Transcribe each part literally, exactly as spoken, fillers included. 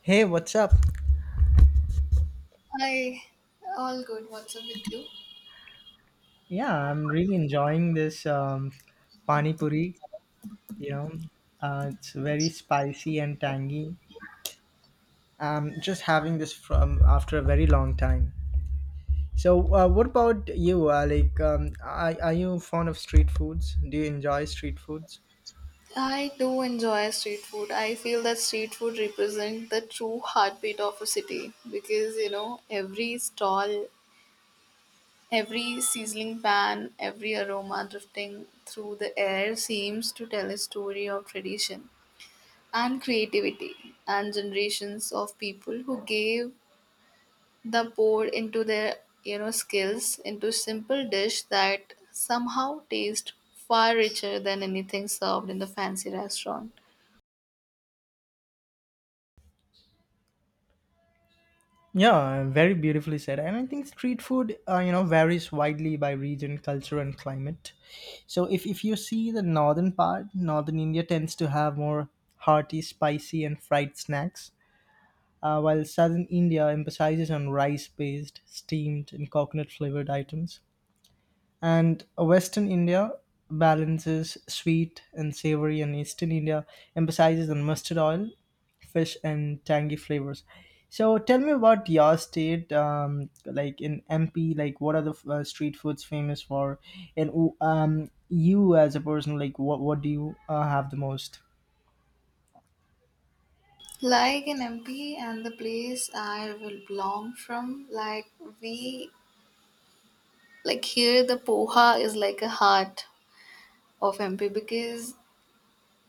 Hey, what's up? Hi, all good. What's up with you? Yeah, I'm really enjoying this um, pani puri. You know, uh, it's very spicy and tangy. I'm just having this from after a very long time. So, uh, what about you? Uh, like, um, are, are you fond of street foods? Do you enjoy street foods? I do enjoy street food. I feel that street food represents the true heartbeat of a city because you know every stall, every sizzling pan, every aroma drifting through the air seems to tell a story of tradition and creativity and generations of people who gave the poured into their you know skills into simple dish that somehow taste far richer than anything served in the fancy restaurant Yeah, very beautifully said. And I think street food, uh, you know, varies widely by region, culture, and climate. So if, if you see the northern part, northern India tends to have more hearty, spicy, and fried snacks, uh, while southern India emphasizes on rice-based, steamed, and coconut-flavored items. And Western India balances sweet and savory, and Eastern India emphasizes on mustard oil, fish, and tangy flavors. So tell me about your state, um, like in M P, like what are the uh, street foods famous for? And um, you as a person, like what what do you uh, have the most? like in mp and the place I will belong from like we like here the poha is like a heart of mp because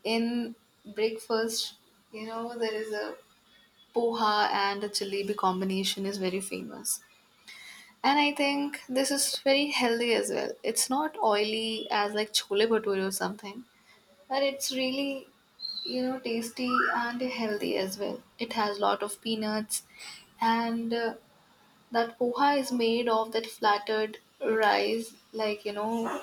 in breakfast you know there is a poha and a jalebi combination is very famous. And I think this is very healthy as well. It's not oily as like chole bhature or something, but it's really, you know, tasty and healthy as well. It has lot of peanuts, and uh, that poha is made of that flattered rice. Like you know,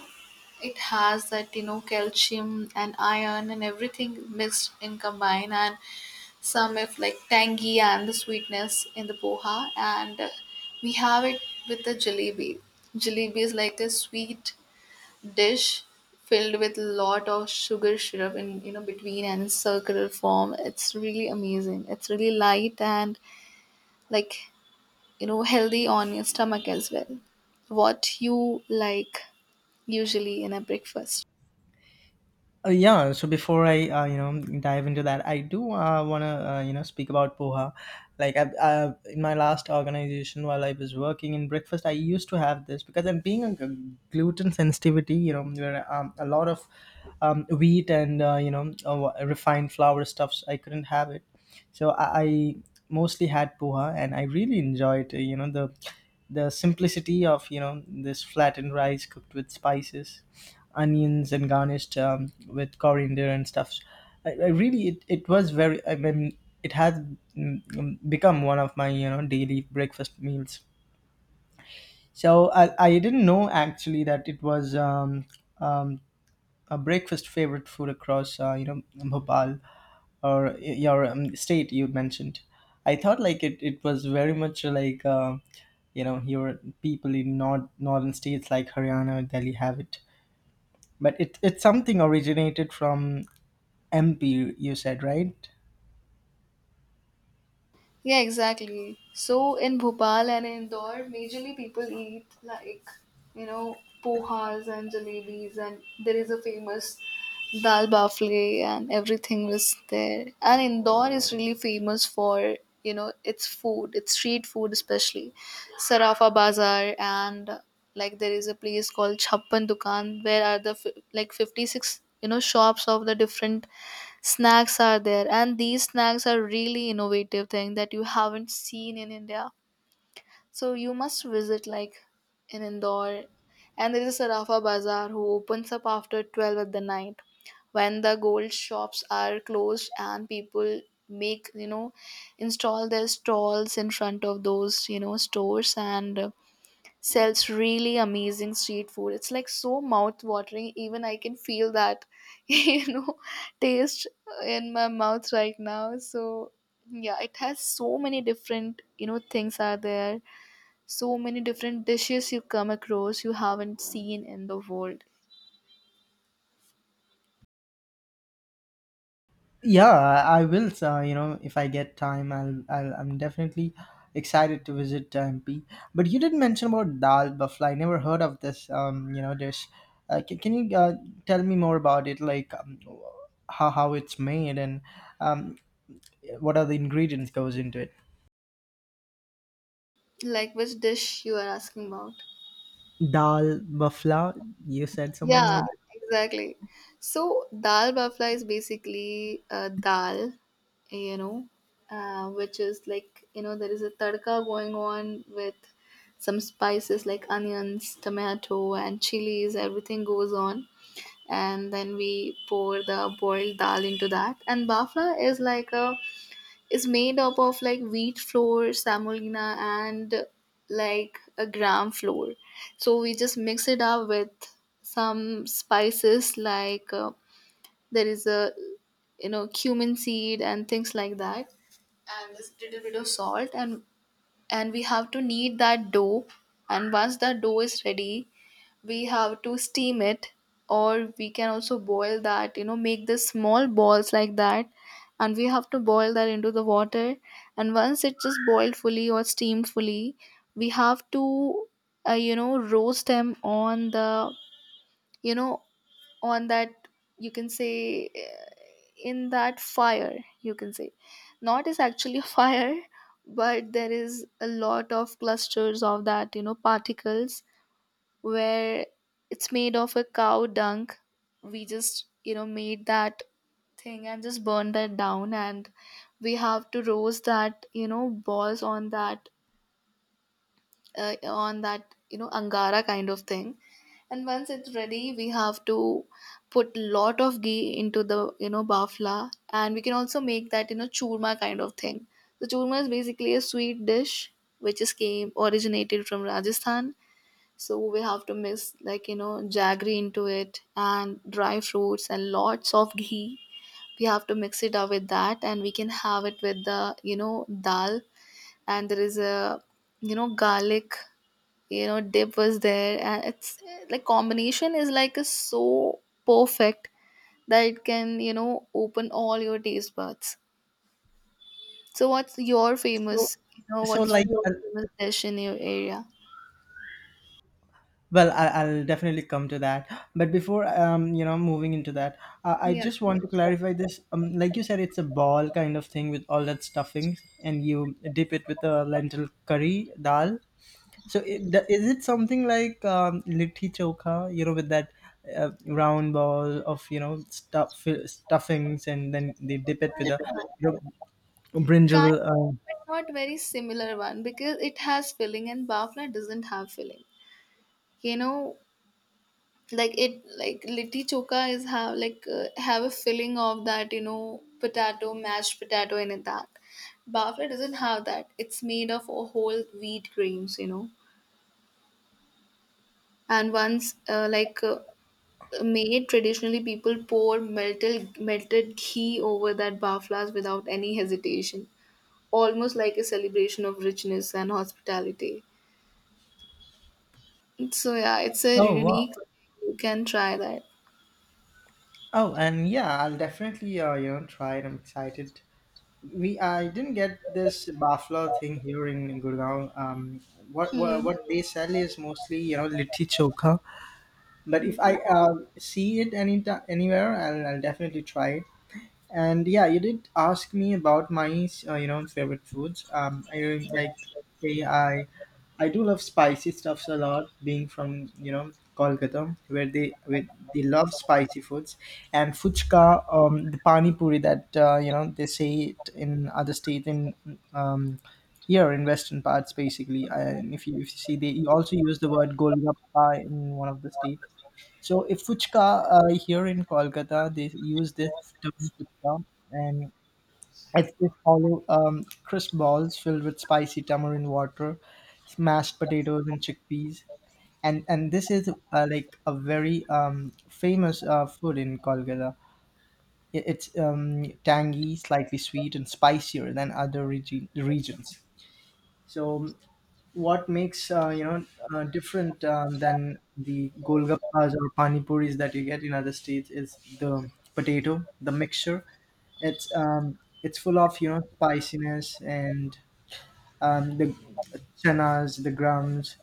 it has that you know calcium and iron and everything mixed in combined, and some if like tangy and the sweetness in the poha and uh, we have it with the jalebi. Jalebi is like a sweet dish filled with lot of sugar syrup in you know between and in circular form. It's really amazing, it's really light and like you know healthy on your stomach as well. What you like usually in a breakfast? Uh, yeah, so before I uh, you know dive into that, I do uh, want to uh, you know speak about poha. Like I, I, in my last organization, while I was working in breakfast, I used to have this because I'm being a g- gluten sensitivity. You know, where um, a lot of um, wheat and uh, you know uh, refined flour stuffs, I couldn't have it. So I, I mostly had poha, and I really enjoyed, uh, you know, the the simplicity of you know this flattened rice cooked with spices, onions, and garnished um, with coriander and stuff. I, I really it, it was very. I mean, It has mm, mm, become one of my you know daily breakfast meals. So I, I didn't know actually that it was um, um, a breakfast favorite food across uh, you know Bhopal or your um, state you mentioned. I thought like it, it was very much uh, like uh, you know your people in north northern states like Haryana, Delhi have it, but it, it's something originated from MP, you said, right? Yeah, exactly. So in Bhopal and Indore, majorly people eat like, you know, pohas and jalebis, and there is a famous dal bafle, and everything was there. And Indore is really famous for, you know, its food, its street food, especially Sarafa Bazaar, and like there is a place called Chhappan Dukan, where are the fi- like fifty-six, you know, shops of the different snacks are there, and these snacks are really innovative thing that you haven't seen in india. So you must visit like in indore. And there is a sarafa bazaar who opens up after twelve at the night, when the gold shops are closed and people make you know install their stalls in front of those you know stores, and uh, sells really amazing street food. It's like so mouth watering. Even I can feel that, you know, taste in my mouth right now. So yeah, it has so many different, you know, things are there. So many different dishes you come across you haven't seen in the world. Yeah, I I will. Uh, you know, if I get time, I'll, I'll. I'm definitely excited to visit uh, M P. But you did mention about dal bafla. I never heard of this. Um, you know, dish. Uh, can, can you uh, tell me more about it? Like um, how how it's made and um, what are the ingredients goes into it? Like which dish you are asking about? Dal bafla. You said something Yeah, like that. exactly. So dal bafla is basically uh, dal, you know, uh, which is like you know there is a tadka going on with some spices like onions, tomato, and chilies. Everything goes on, and then we pour the boiled dal into that. And bafla is like a is made up of like wheat flour, semolina, and like a gram flour. So we just mix it up with some spices like uh, there is a you know cumin seed and things like that, and a little bit of salt, and and we have to knead that dough. And once that dough is ready, we have to steam it, or we can also boil that, you know make the small balls like that, and we have to boil that into the water. And once it's just boiled fully or steamed fully, we have to uh, you know roast them on the you know on that, you can say, uh, in that fire, you can say. Not is actually a fire, but there is a lot of clusters of that you know particles where it's made of a cow dung. We just, you know, made that thing and just burned that down, and we have to roast that, you know, balls on that uh, on that, you know, angara kind of thing. And once it's ready, we have to put lot of ghee into the, you know, bafla, and we can also make that, you know, churma kind of thing. The churma is basically a sweet dish which is came originated from Rajasthan. So we have to mix like you know jaggery into it and dry fruits and lots of ghee. We have to mix it up with that, and we can have it with the you know dal. And there is a you know garlic you know dip was there, and it's eh, like combination is like a so perfect that it can you know open all your taste buds. So what's your So famous, you know so what's like. your Uh, famous dish in your area? Well, I, I'll definitely come to that. But before, um, you know, moving into that, uh, I Yeah. just want to clarify this. Um, like you said, it's a ball kind of thing with all that stuffings, and you dip it with a lentil curry dal. So, it, the- is it something like um, litti chokha? You know, with that uh, round ball of you know stuff stuffings, and then they dip it with a you know, Kind brinjal. Uh, of, but not very similar one because it has filling and bafla doesn't have filling. You know, like it like litti choka is have like uh, have a filling of that you know potato, mashed potato in it, that bafla doesn't have that. It's made of a whole wheat grains, you know, and once uh, like. Uh, made traditionally people pour melted melted ghee over that baflas without any hesitation, almost like a celebration of richness and hospitality. So yeah, it's a Oh, unique. wow! You can try that. Oh, and yeah, I'll definitely uh, you know try it. I'm excited. We I didn't get this bafla thing here in Gurgaon. Um, what, what Hmm. what they sell is mostly you know litti chokha. But if Okay. I uh, see it any anywhere, I'll, I'll definitely try it. And yeah, you did ask me about my uh, you know favorite foods. Um, I really like say I I do love spicy stuffs a lot. Being from you know Kolkata, where they with they love spicy foods, and fuchka, um, the pani puri that uh, you know they say it in other states in um here in western parts basically. And if you, if you see, they also use the word golgappa in one of the states. So if fuchka, uh, here in Kolkata, they use this term fuchka, and it's this hollow um, crisp balls filled with spicy tamarind water, mashed potatoes and chickpeas, and and this is uh, like a very um, famous uh, food in Kolkata. I- It's um, tangy, slightly sweet, and spicier than other regi- regions. So what makes uh, you know uh, different um, than the golgappas or pani puris that you get in other states is the potato the mixture. It's um, it's full of you know spiciness and um, the chenas, the grams,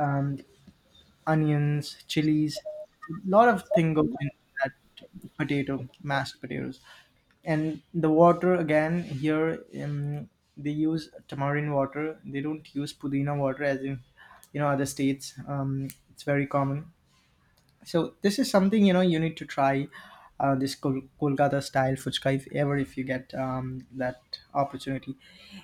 um, onions, chilies. A lot of thing goes into that potato, mashed potatoes, and the water again here. Um, they use tamarind water. They don't use pudina water as in you know other states. Um, it's very common. So this is something you know you need to try uh, this Kol- Kolkata style fuchka if ever if you get um, that opportunity.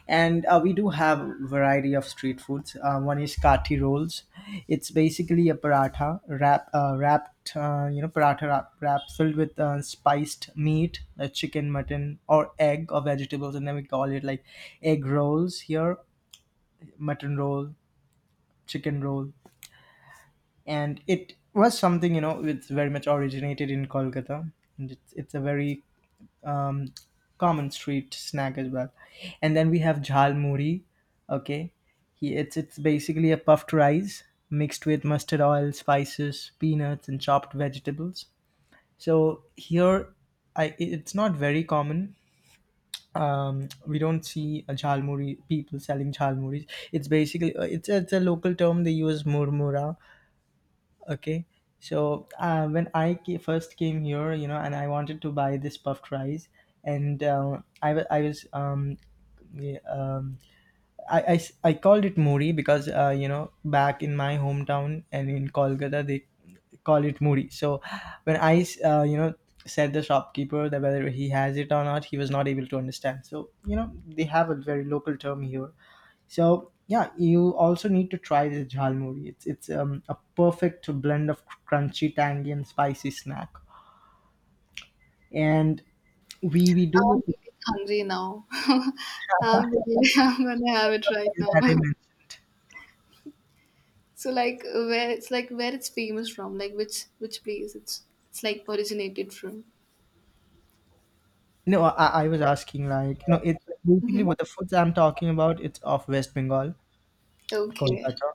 And uh, we do have variety of street foods. Uh, one is kati rolls. It's basically a paratha wrap, uh, wrapped uh, you know paratha wrap, wrap filled with uh, spiced meat, like chicken, mutton, or egg or vegetables, and then we call it like egg rolls here, mutton roll, chicken roll, and it was something you know it's very much originated in Kolkata. And it's, it's a very um, common street snack as well. And then we have jhal muri. Okay, he, it's it's basically a puffed rice mixed with mustard oil, spices, peanuts, and chopped vegetables. So here i it- it's not very common. Um, we don't see a jhalmuri, people selling jhalmuris. It's basically uh, it's it's a local term they use murmura. Okay. So uh, when I ca- first came here, you know, and I wanted to buy this puffed rice, and uh, I wa- I was um, yeah, um, I, I s- I called it muri because uh, you know back in my hometown and in Kolkata they call it muri. So when I s- uh, you know said the shopkeeper that whether he has it or not, he was not able to understand. So you know they have a very local term here. So yeah, you also need to try this jhalmuri. It's it's um, a perfect blend of crunchy, tangy, and spicy snack. And we we I'm do feeling hungry now. I'm, really, I'm gonna have it right now. that I mentioned. So like where it's like where it's famous from, like which which place it's it's like originated from. No, I, I was asking like, no, it basically what the foods I'm talking about, it's of West Bengal, Okay. Kolkata.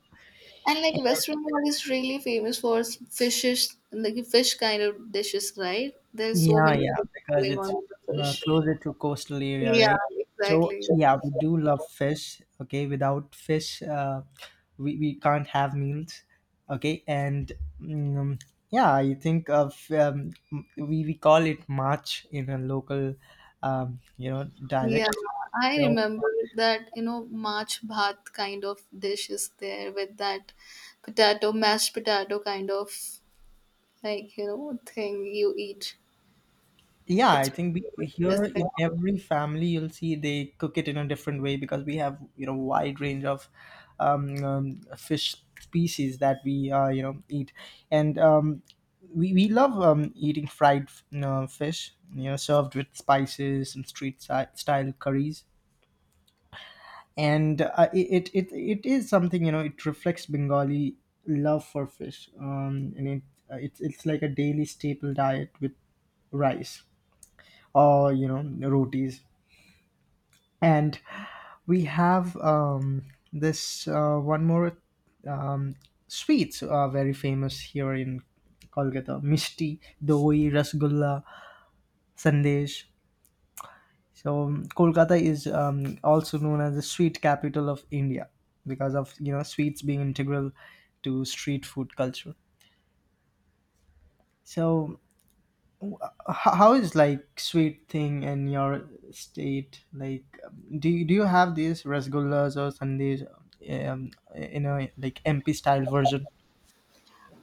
And like West Bengal is really famous for s- fishes, like fish kind of dishes, right? There's so Yeah, many. Yeah. yeah, Things because going it's on with the uh, fish. closer to coastal area, Yeah, right? So exactly. yeah, we do love fish. Okay, without fish, uh, we we can't have meals. Okay, and um, yeah, I think of um, we we call it march in a local, um, you know, Yeah, dialect. I So remember that, you know, March bhat kind of dish is there with that potato, mashed potato kind of like, you know, thing you eat. yeah, It's I think we, famous in here West in Bengal. every family you'll see they cook it in a different way because we have you know wide range of um, um, fish species that we uh, you know eat, and um, we we love um, eating fried you know fish you know served with spices and street si- style curries, and uh, it, it it is something you know it reflects Bengali love for fish, um, and it uh, it's it's like a daily staple diet with rice or you know rotis. And we have um, this uh, one more um, sweets are very famous here in Kolkata: misti, doi, rasgulla, sandesh. So um, Kolkata is um, also known as the sweet capital of India because of you know sweets being integral to street food culture. So h- how is like sweet thing in your state? Like um, do you, do you have these rasgullas or sundays um, in a like MP style version?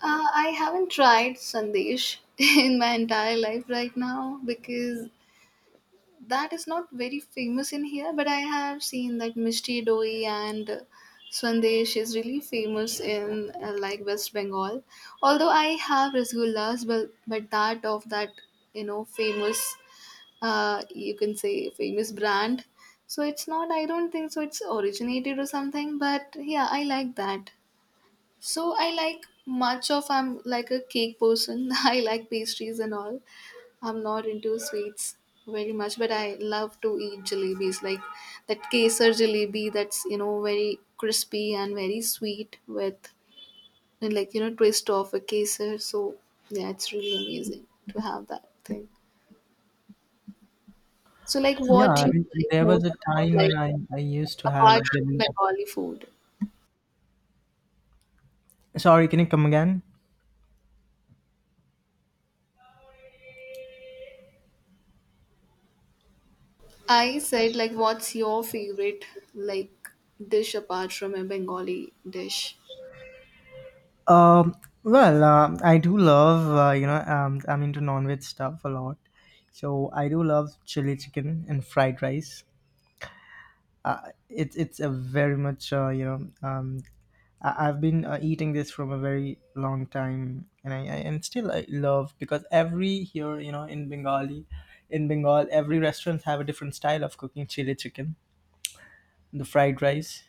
Uh, I haven't tried Sandesh in my entire life right now because that is not very famous in here, but I have seen that Mishti Doi and uh, Swandesh is really famous in uh, like West Bengal. Although I have rasgullas, but but that of that you know famous, uh, you can say famous brand. So it's not. I don't think so. It's originated or something. But yeah, I like that. So I like much of. I'm like a cake person. I like pastries and all. I'm not into sweets very much, but I love to eat jalebis, like that kesar jalebi that's, you know, very crispy and very sweet with, and like, you know, twist of a kesar. So, yeah, it's really amazing to have that thing. So, like, Yeah, what I you mean, like there was most a about, time like, when i, I used to have apart from jelly. Bengali food? Sorry, can you come again? I said, like, what's your favorite, like, dish apart from a Bengali dish? um well um I do love uh, you know um, I'm into non-veg stuff a lot, so I do love chili chicken and fried rice. Uh, it's it's a very much uh, you know um, I- I've been uh, eating this from a very long time, and I, I and still I love because every here you know in Bengali, in Bengal, every restaurant have a different style of cooking chili chicken, the fried rice,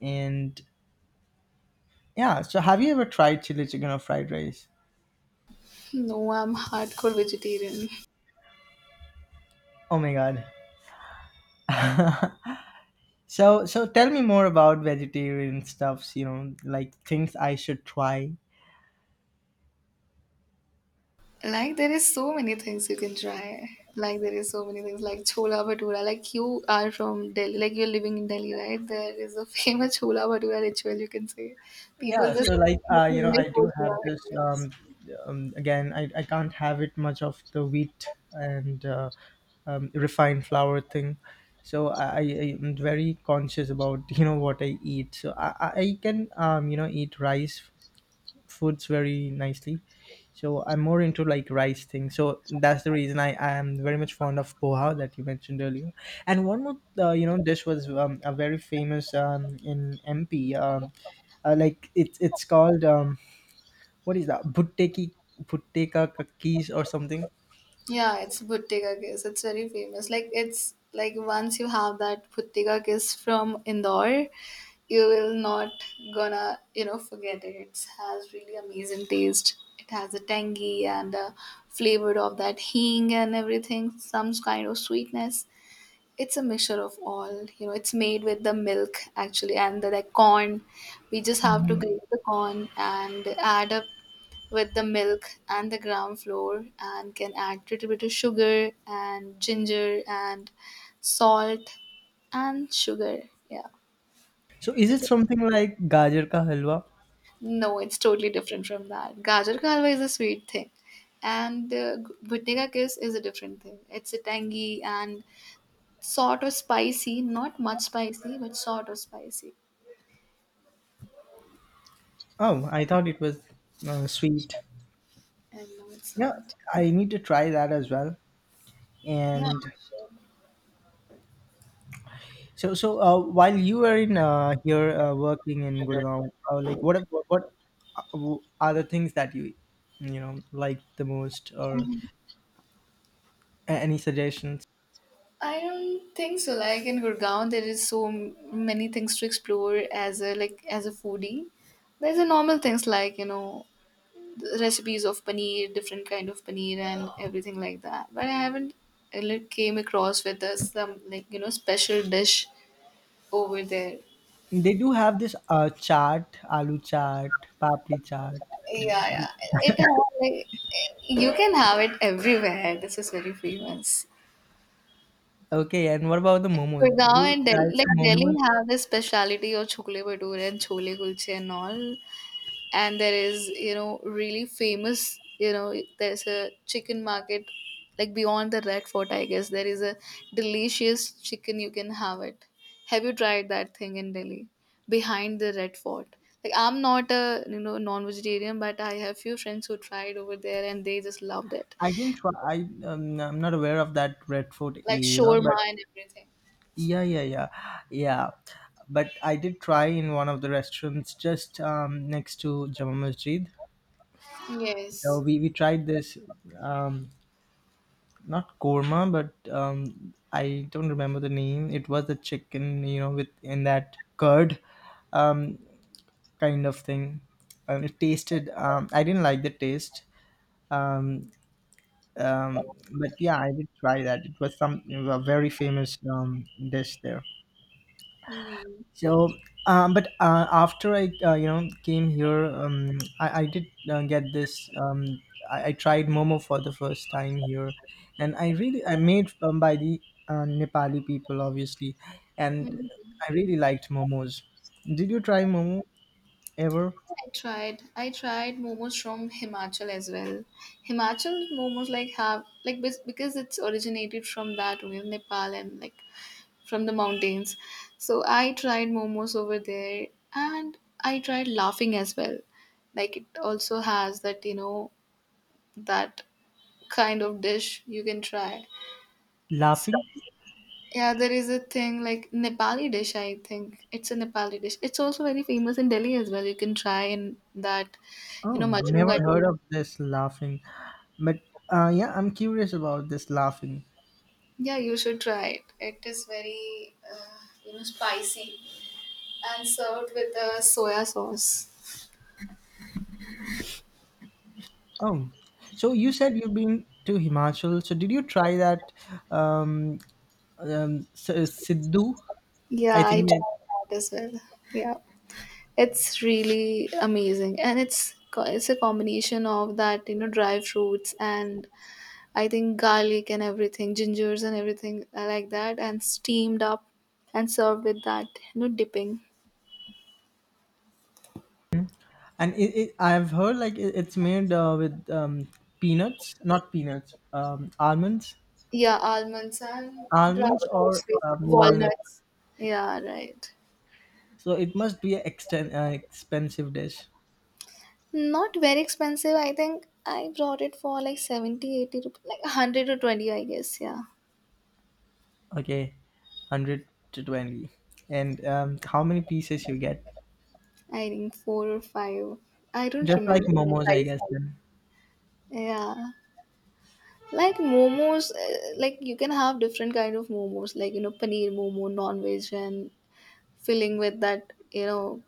and yeah. So have you ever tried chili chicken or fried rice? No, I'm hardcore vegetarian. Oh my god. So so tell me more about vegetarian stuffs. You know, like things I should try. Like there is so many things you can try. Like there is so many things like chola bhatura. Like you are from Delhi, like you're living in Delhi, right? There is a famous chola bhatura ritual, you can say. People Yeah, just so like uh, you know, live I for do chola have this. bhatura. Um, um, again, I, I can't have it much of the wheat and uh, um, refined flour thing. So I, I am very conscious about you know what I eat. So I, I I can um, you know eat rice foods very nicely. So I'm more into like rice thing. So that's the reason I, I am very much fond of poha that you mentioned earlier. And one more, uh, you know, dish was um, a very famous um, in M P. Um, uh, like it's it's called um, what is that? Bhutteki, Bhutteka kakis or something. Yeah, it's Bhuttiga kiss. It's very famous. Like it's like once you have that Bhuttiga kiss from Indore, you will not gonna you know forget it. It has really amazing taste. It has a tangy and a flavor of that hing and everything, some kind of sweetness. It's a mixture of all. You know, it's made with the milk actually, and the, the corn. We just have to grate the corn and add up with the milk and the ground flour, and can add little bit of sugar and ginger and salt and sugar. Yeah. So is it It's a, something like gajar ka halwa? no, it's totally different from that. Gajar ka halwa is a sweet thing. And uh, bhutne ka kiss is a different thing. It's a tangy and sort of spicy, not much spicy, but sort of spicy. Oh, I thought it was uh, sweet. And no, it's Yeah, not. I need to try that as well. Yeah, And sure. So, so uh, while you were in uh, here uh, working in Gurgaon, uh, like what what what are the things that you you know like the most, or a- any suggestions? I don't think so. Like in Gurgaon, there is so m- many things to explore as a like as a foodie. There's a normal things like you know the recipes of paneer, different kind of paneer, and everything like that. But I haven't uh, like, came across with us some like you know special dish over there. They do have this uh, chaat, aloo chaat, papri chaat. Yeah, yeah. It have, like, you can have it everywhere. This is very famous. Okay, and what about the Like momos? Did Gurgaon you and Delhi, try the like Delhi momos? have this speciality of chhole bhature and chole kulche and all. And there is, you know really famous, you know there's a chicken market like beyond the red fort, I guess. There is a delicious chicken you can have it. Have you tried that thing in delhi behind the red fort? Like I'm not a, you know non-vegetarian, but I have few friends who tried over there and they just loved it. I didn't try. I um, I'm not aware of that Red Fort Like area, but shawarma and everything. yeah, yeah, yeah, yeah. But I did try in one of the restaurants just um, next to Jama Masjid. So Yes. we, we tried this, um, not korma, but um, I don't remember the name. It was the chicken, you know, with in that curd, um, kind of thing. And it tasted. Um, I didn't like the taste. Um, um, but yeah, I did try that. It was some a very famous um, dish there. So, um, but uh, after I, uh, you know, came here, um, I, I did uh, get this. Um, I, I tried Momo for the first time here, and I really I made, um, by the uh, Nepali people, obviously, and Mhm. I really liked Momos. Did you try Momo ever? I tried. I tried momos from Himachal as well. Himachal momos like have like bas- because it's originated from that only Nepal and like from the mountains. So I tried momos over there, and I tried laughing as well. Like it also has that you know that kind of dish you can try. So, Laughing? yeah, there is a thing like Nepali dish. I think it's a Nepali dish. It's also very famous in Delhi as well. You can try in that, you know, Oh, Majnu never Ghats. heard of this laughing. But uh, yeah, I'm curious about this laughing. Yeah, you should try it. It is very, uh, you know, spicy and served with a soya sauce. Oh, so you said you've been to Himachal. So did you try that um, um, S- Sidhu, Yeah, I think. I Mm. it- tried that as well. Yeah, it's really amazing, and it's co- it's a combination of that, you know, dry fruits and I think garlic and everything, gingers and everything like that, and steamed up and served with that, you know, dipping. And it, it, I've heard like it, it's made uh, with um, peanuts, not peanuts, um, almonds, Yeah, almonds and dry almonds or fruits, with um, walnut. walnuts. Yeah, right. So it must be an exten- uh, expensive dish. Not very expensive. I think I brought it for like seventy, eighty rupees, like one hundred or twenty, I guess. Yeah. Okay, hundred to twenty. And um, how many pieces you get? I think four or five. I don't Just like remember momos, I precisely. guess. Then. Yeah. Like momos, uh, like you can have different kind of momos, like, you know, paneer momo, non-veg, and filling with that, you know,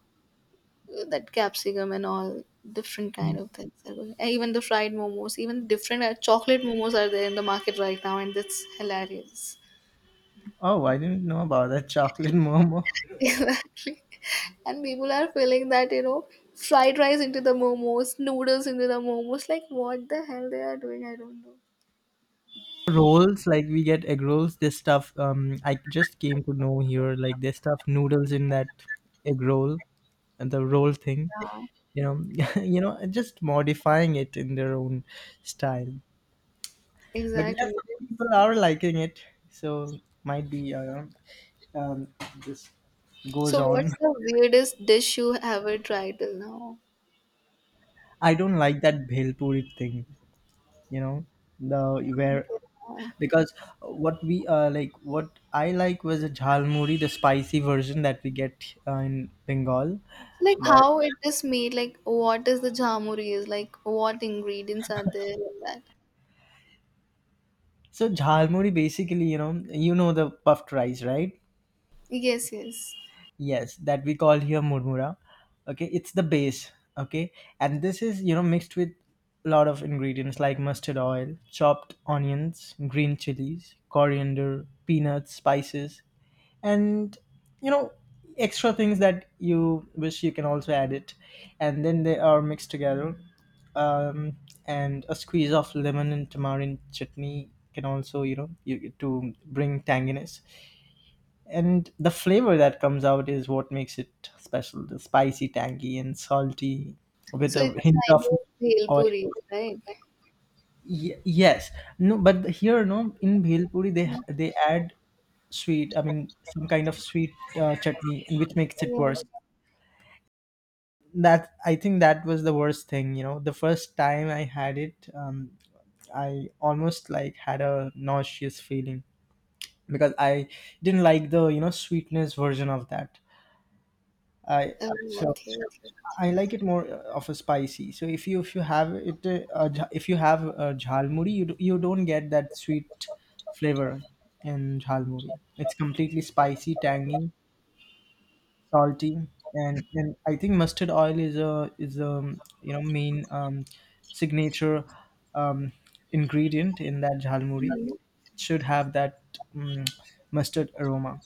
that capsicum and all different Mm-hmm. kind of things are going- and even the fried momos, even different uh, chocolate momos are there in the market right now, and that's hilarious. Oh, I didn't know about that chocolate momo. And people are feeling that, you know, fried rice into the momos, noodles into the momos, like what the hell they are doing, I don't know. Rolls, like we get egg rolls this stuff. um I just came to know here, like they stuff noodles in that egg roll and the roll thing, Yeah. you know you know just modifying it in their own style. But yes, Exactly. some people are liking it, so might be uh, um this goes So on. what's the weirdest dish you ever tried till now? I don't like that bhel puri thing, you know the where, Uh, because uh, what we uh, like what I like was a jhalmuri, the spicy version that we get uh, in Bengal. like But how it is made, like what is the jamuri is like, what ingredients are there in that? so jhalmuri basically, you know you know the puffed rice, right? Yes, yes. Yes, that we call here murmura. Okay, it's the base. Okay. And this is, you know mixed with a lot of ingredients like mustard oil, chopped onions, green chilies, coriander, peanuts, spices, and you know extra things that you wish you can also add it, and then they are mixed together. um, and a squeeze of lemon and tamarind chutney can also, you know you, to bring tanginess, and the flavor that comes out is what makes it special, the spicy, tangy and salty, with So a it's hint kind of of bhel oil. puri, right? Ye- yes. No, but here, no, in bhel puri, they they add sweet, I mean, some kind of sweet uh, chutney, and which makes it Yes. worse. That, I think, that was the worst thing. You know the first time I had it, um, I almost like had a nauseous feeling, because I didn't like the, you know sweetness version of that. i Oh, so okay. I like it more uh, of a spicy, so if you if you have it, uh, uh, jha- if you have uh, jhalmuri, you, d- you don't get that sweet flavor in jhalmuri. It's completely spicy, tangy, salty. And and I think mustard oil is a is a, you know main, um, signature, um, ingredient in that jhalmuri. Mhm. It should have that um, mustard aroma.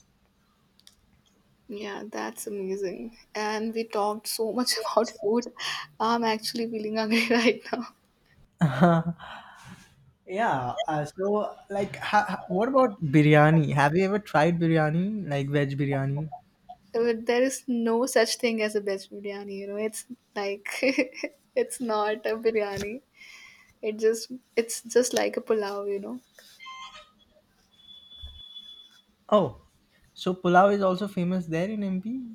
Yeah, that's amazing. And we talked so much about food. I'm actually feeling hungry right now. Yeah, uh, so, like ha- ha- what about biryani? Have you ever tried biryani, like veg biryani? But there is no such thing as a best biryani, you know. It's like it's not a biryani. It just it's just like a pulao, you know. Oh, so pulao is also famous there in M P.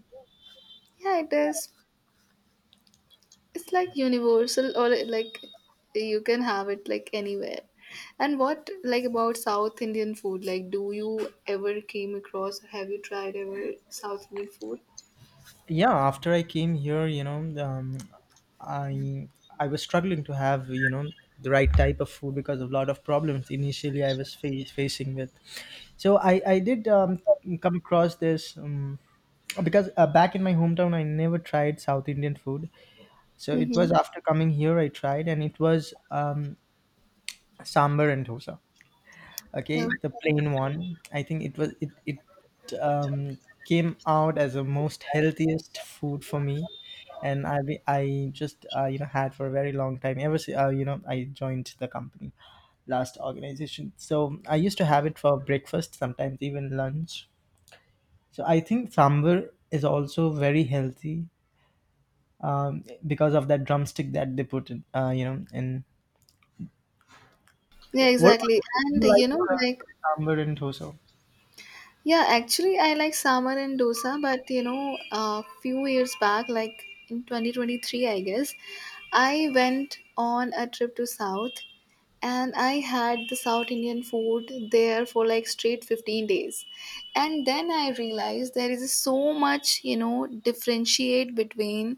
Yeah, it is. It's like universal, or like you can have it like anywhere. And what like about South Indian food? Like, do you ever came across, have you tried ever South Indian food? Yeah, after I came here, you know um, i i was struggling to have, you know the right type of food because of a lot of problems initially I was fa- facing with. So i i did um, come across this, um, because uh, back in my hometown I never tried South Indian food. So it Mm-hmm. was after coming here I tried and it was, um, sambar and dosa. Yeah. Okay, the plain one, I think it was, it it um came out as the most healthiest food for me, and i be- i just uh, you know had for a very long time ever since uh, you know I joined the company, last organization. So I used to have it for breakfast, sometimes even lunch. So I think sambar is also very healthy, um, because of that drumstick that they put in, uh, you know in. Yeah, What about exactly. you, do And you you like know, uh, like, sambar and dosa? yeah, actually, I like sambar and dosa, but you know, a few years back, like in twenty twenty-three, I guess, I went on a trip to South and I had the South Indian food there for like straight fifteen days. And then I realized there is so much, you know, differentiate between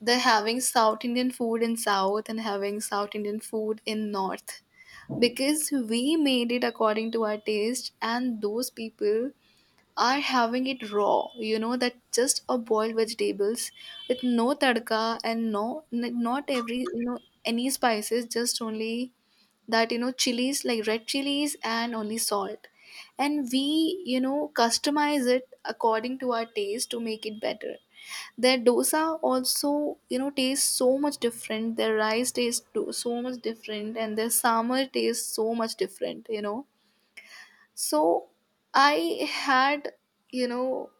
they're having South Indian food in South and having South Indian food in North, because we made it according to our taste and those people are having it raw, you know, that just a boiled vegetables with no tadka and no n- not every, you know, any spices, just only that, you know, chilies like red chilies and only salt, and we, you know, customize it according to our taste to make it better. Their dosa also, you know, tastes so much different. Their rice tastes do- so much different, and their sambar tastes so much different. You know, so I had, you know,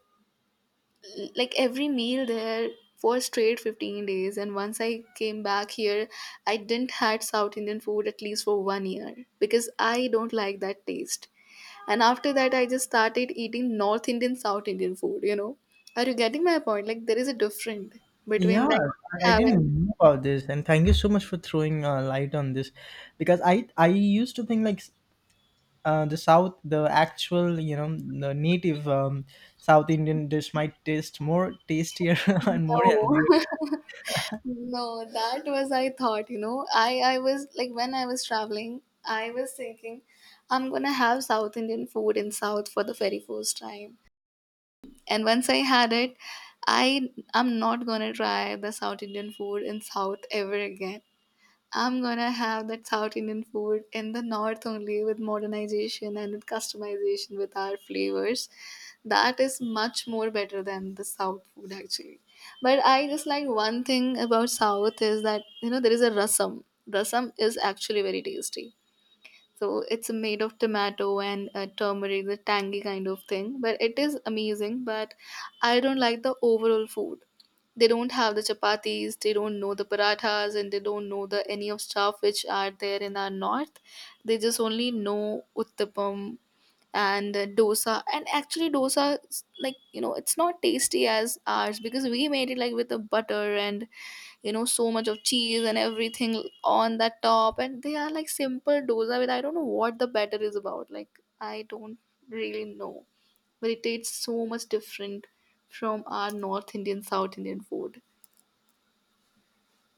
l- like every meal there for straight fifteen days, and once I came back here, I didn't had South Indian food at least for one year because I don't like that taste. And after that, I just started eating North Indian, South Indian food, you know. Are you getting my point? Like, there is a difference Yeah, between like I I didn't having. know about this, and thank you so much for throwing a light on this, because I I used to think like s- uh, the South, the actual, you know the native, um, South Indian dish might taste more tastier and more No. healthier. No, that was I thought, you know. I I was like when I was traveling, I was thinking I'm gonna have South Indian food in South for the very first time. And once I had it, I I'm not gonna try the South Indian food in South ever again. I'm gonna have that South Indian food in the north only with modernization and with customization with our flavors. That is much more better than the south food actually. But I just like one thing about south is that you know there is a rasam. Rasam is actually very tasty. So it's made of tomato and uh, turmeric, the tangy kind of thing. But it is amazing. But I don't like the overall food. They don't have the chapatis, they don't know the parathas, and they don't know the any of stuff which are there in our north. They just only know uttapam and uh, dosa. And actually, dosa is, like, you know, it's not tasty as ours because we made it like with the butter and you know so much of cheese and everything on that top, and they are like simple dosa with I don't know what the batter is about. Like I don't really know, but it tastes so much different from our North Indian, South Indian food.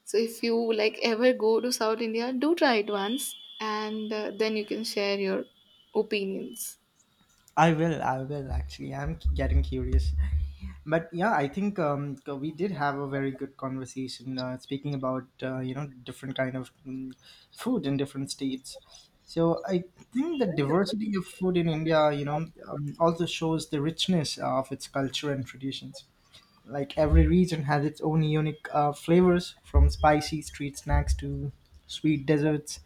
So if you like ever go to South India, do try it once, and uh, then you can share your opinions. I will, I will actually. I'm getting curious. But yeah, I think, um, uh, we did have a very good conversation, uh, speaking about uh, you know different kind of mm, food in different states. So I think the diversity of food in India, you know um, also shows the richness of its culture and traditions. Like every region has its own unique uh, flavors, from spicy street snacks to sweet desserts,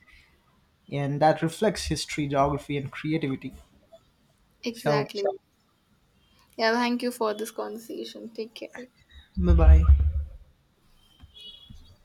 and that reflects history, geography and creativity. So, Exactly. Sure. Yeah, thank you for this conversation. Take care. bye bye.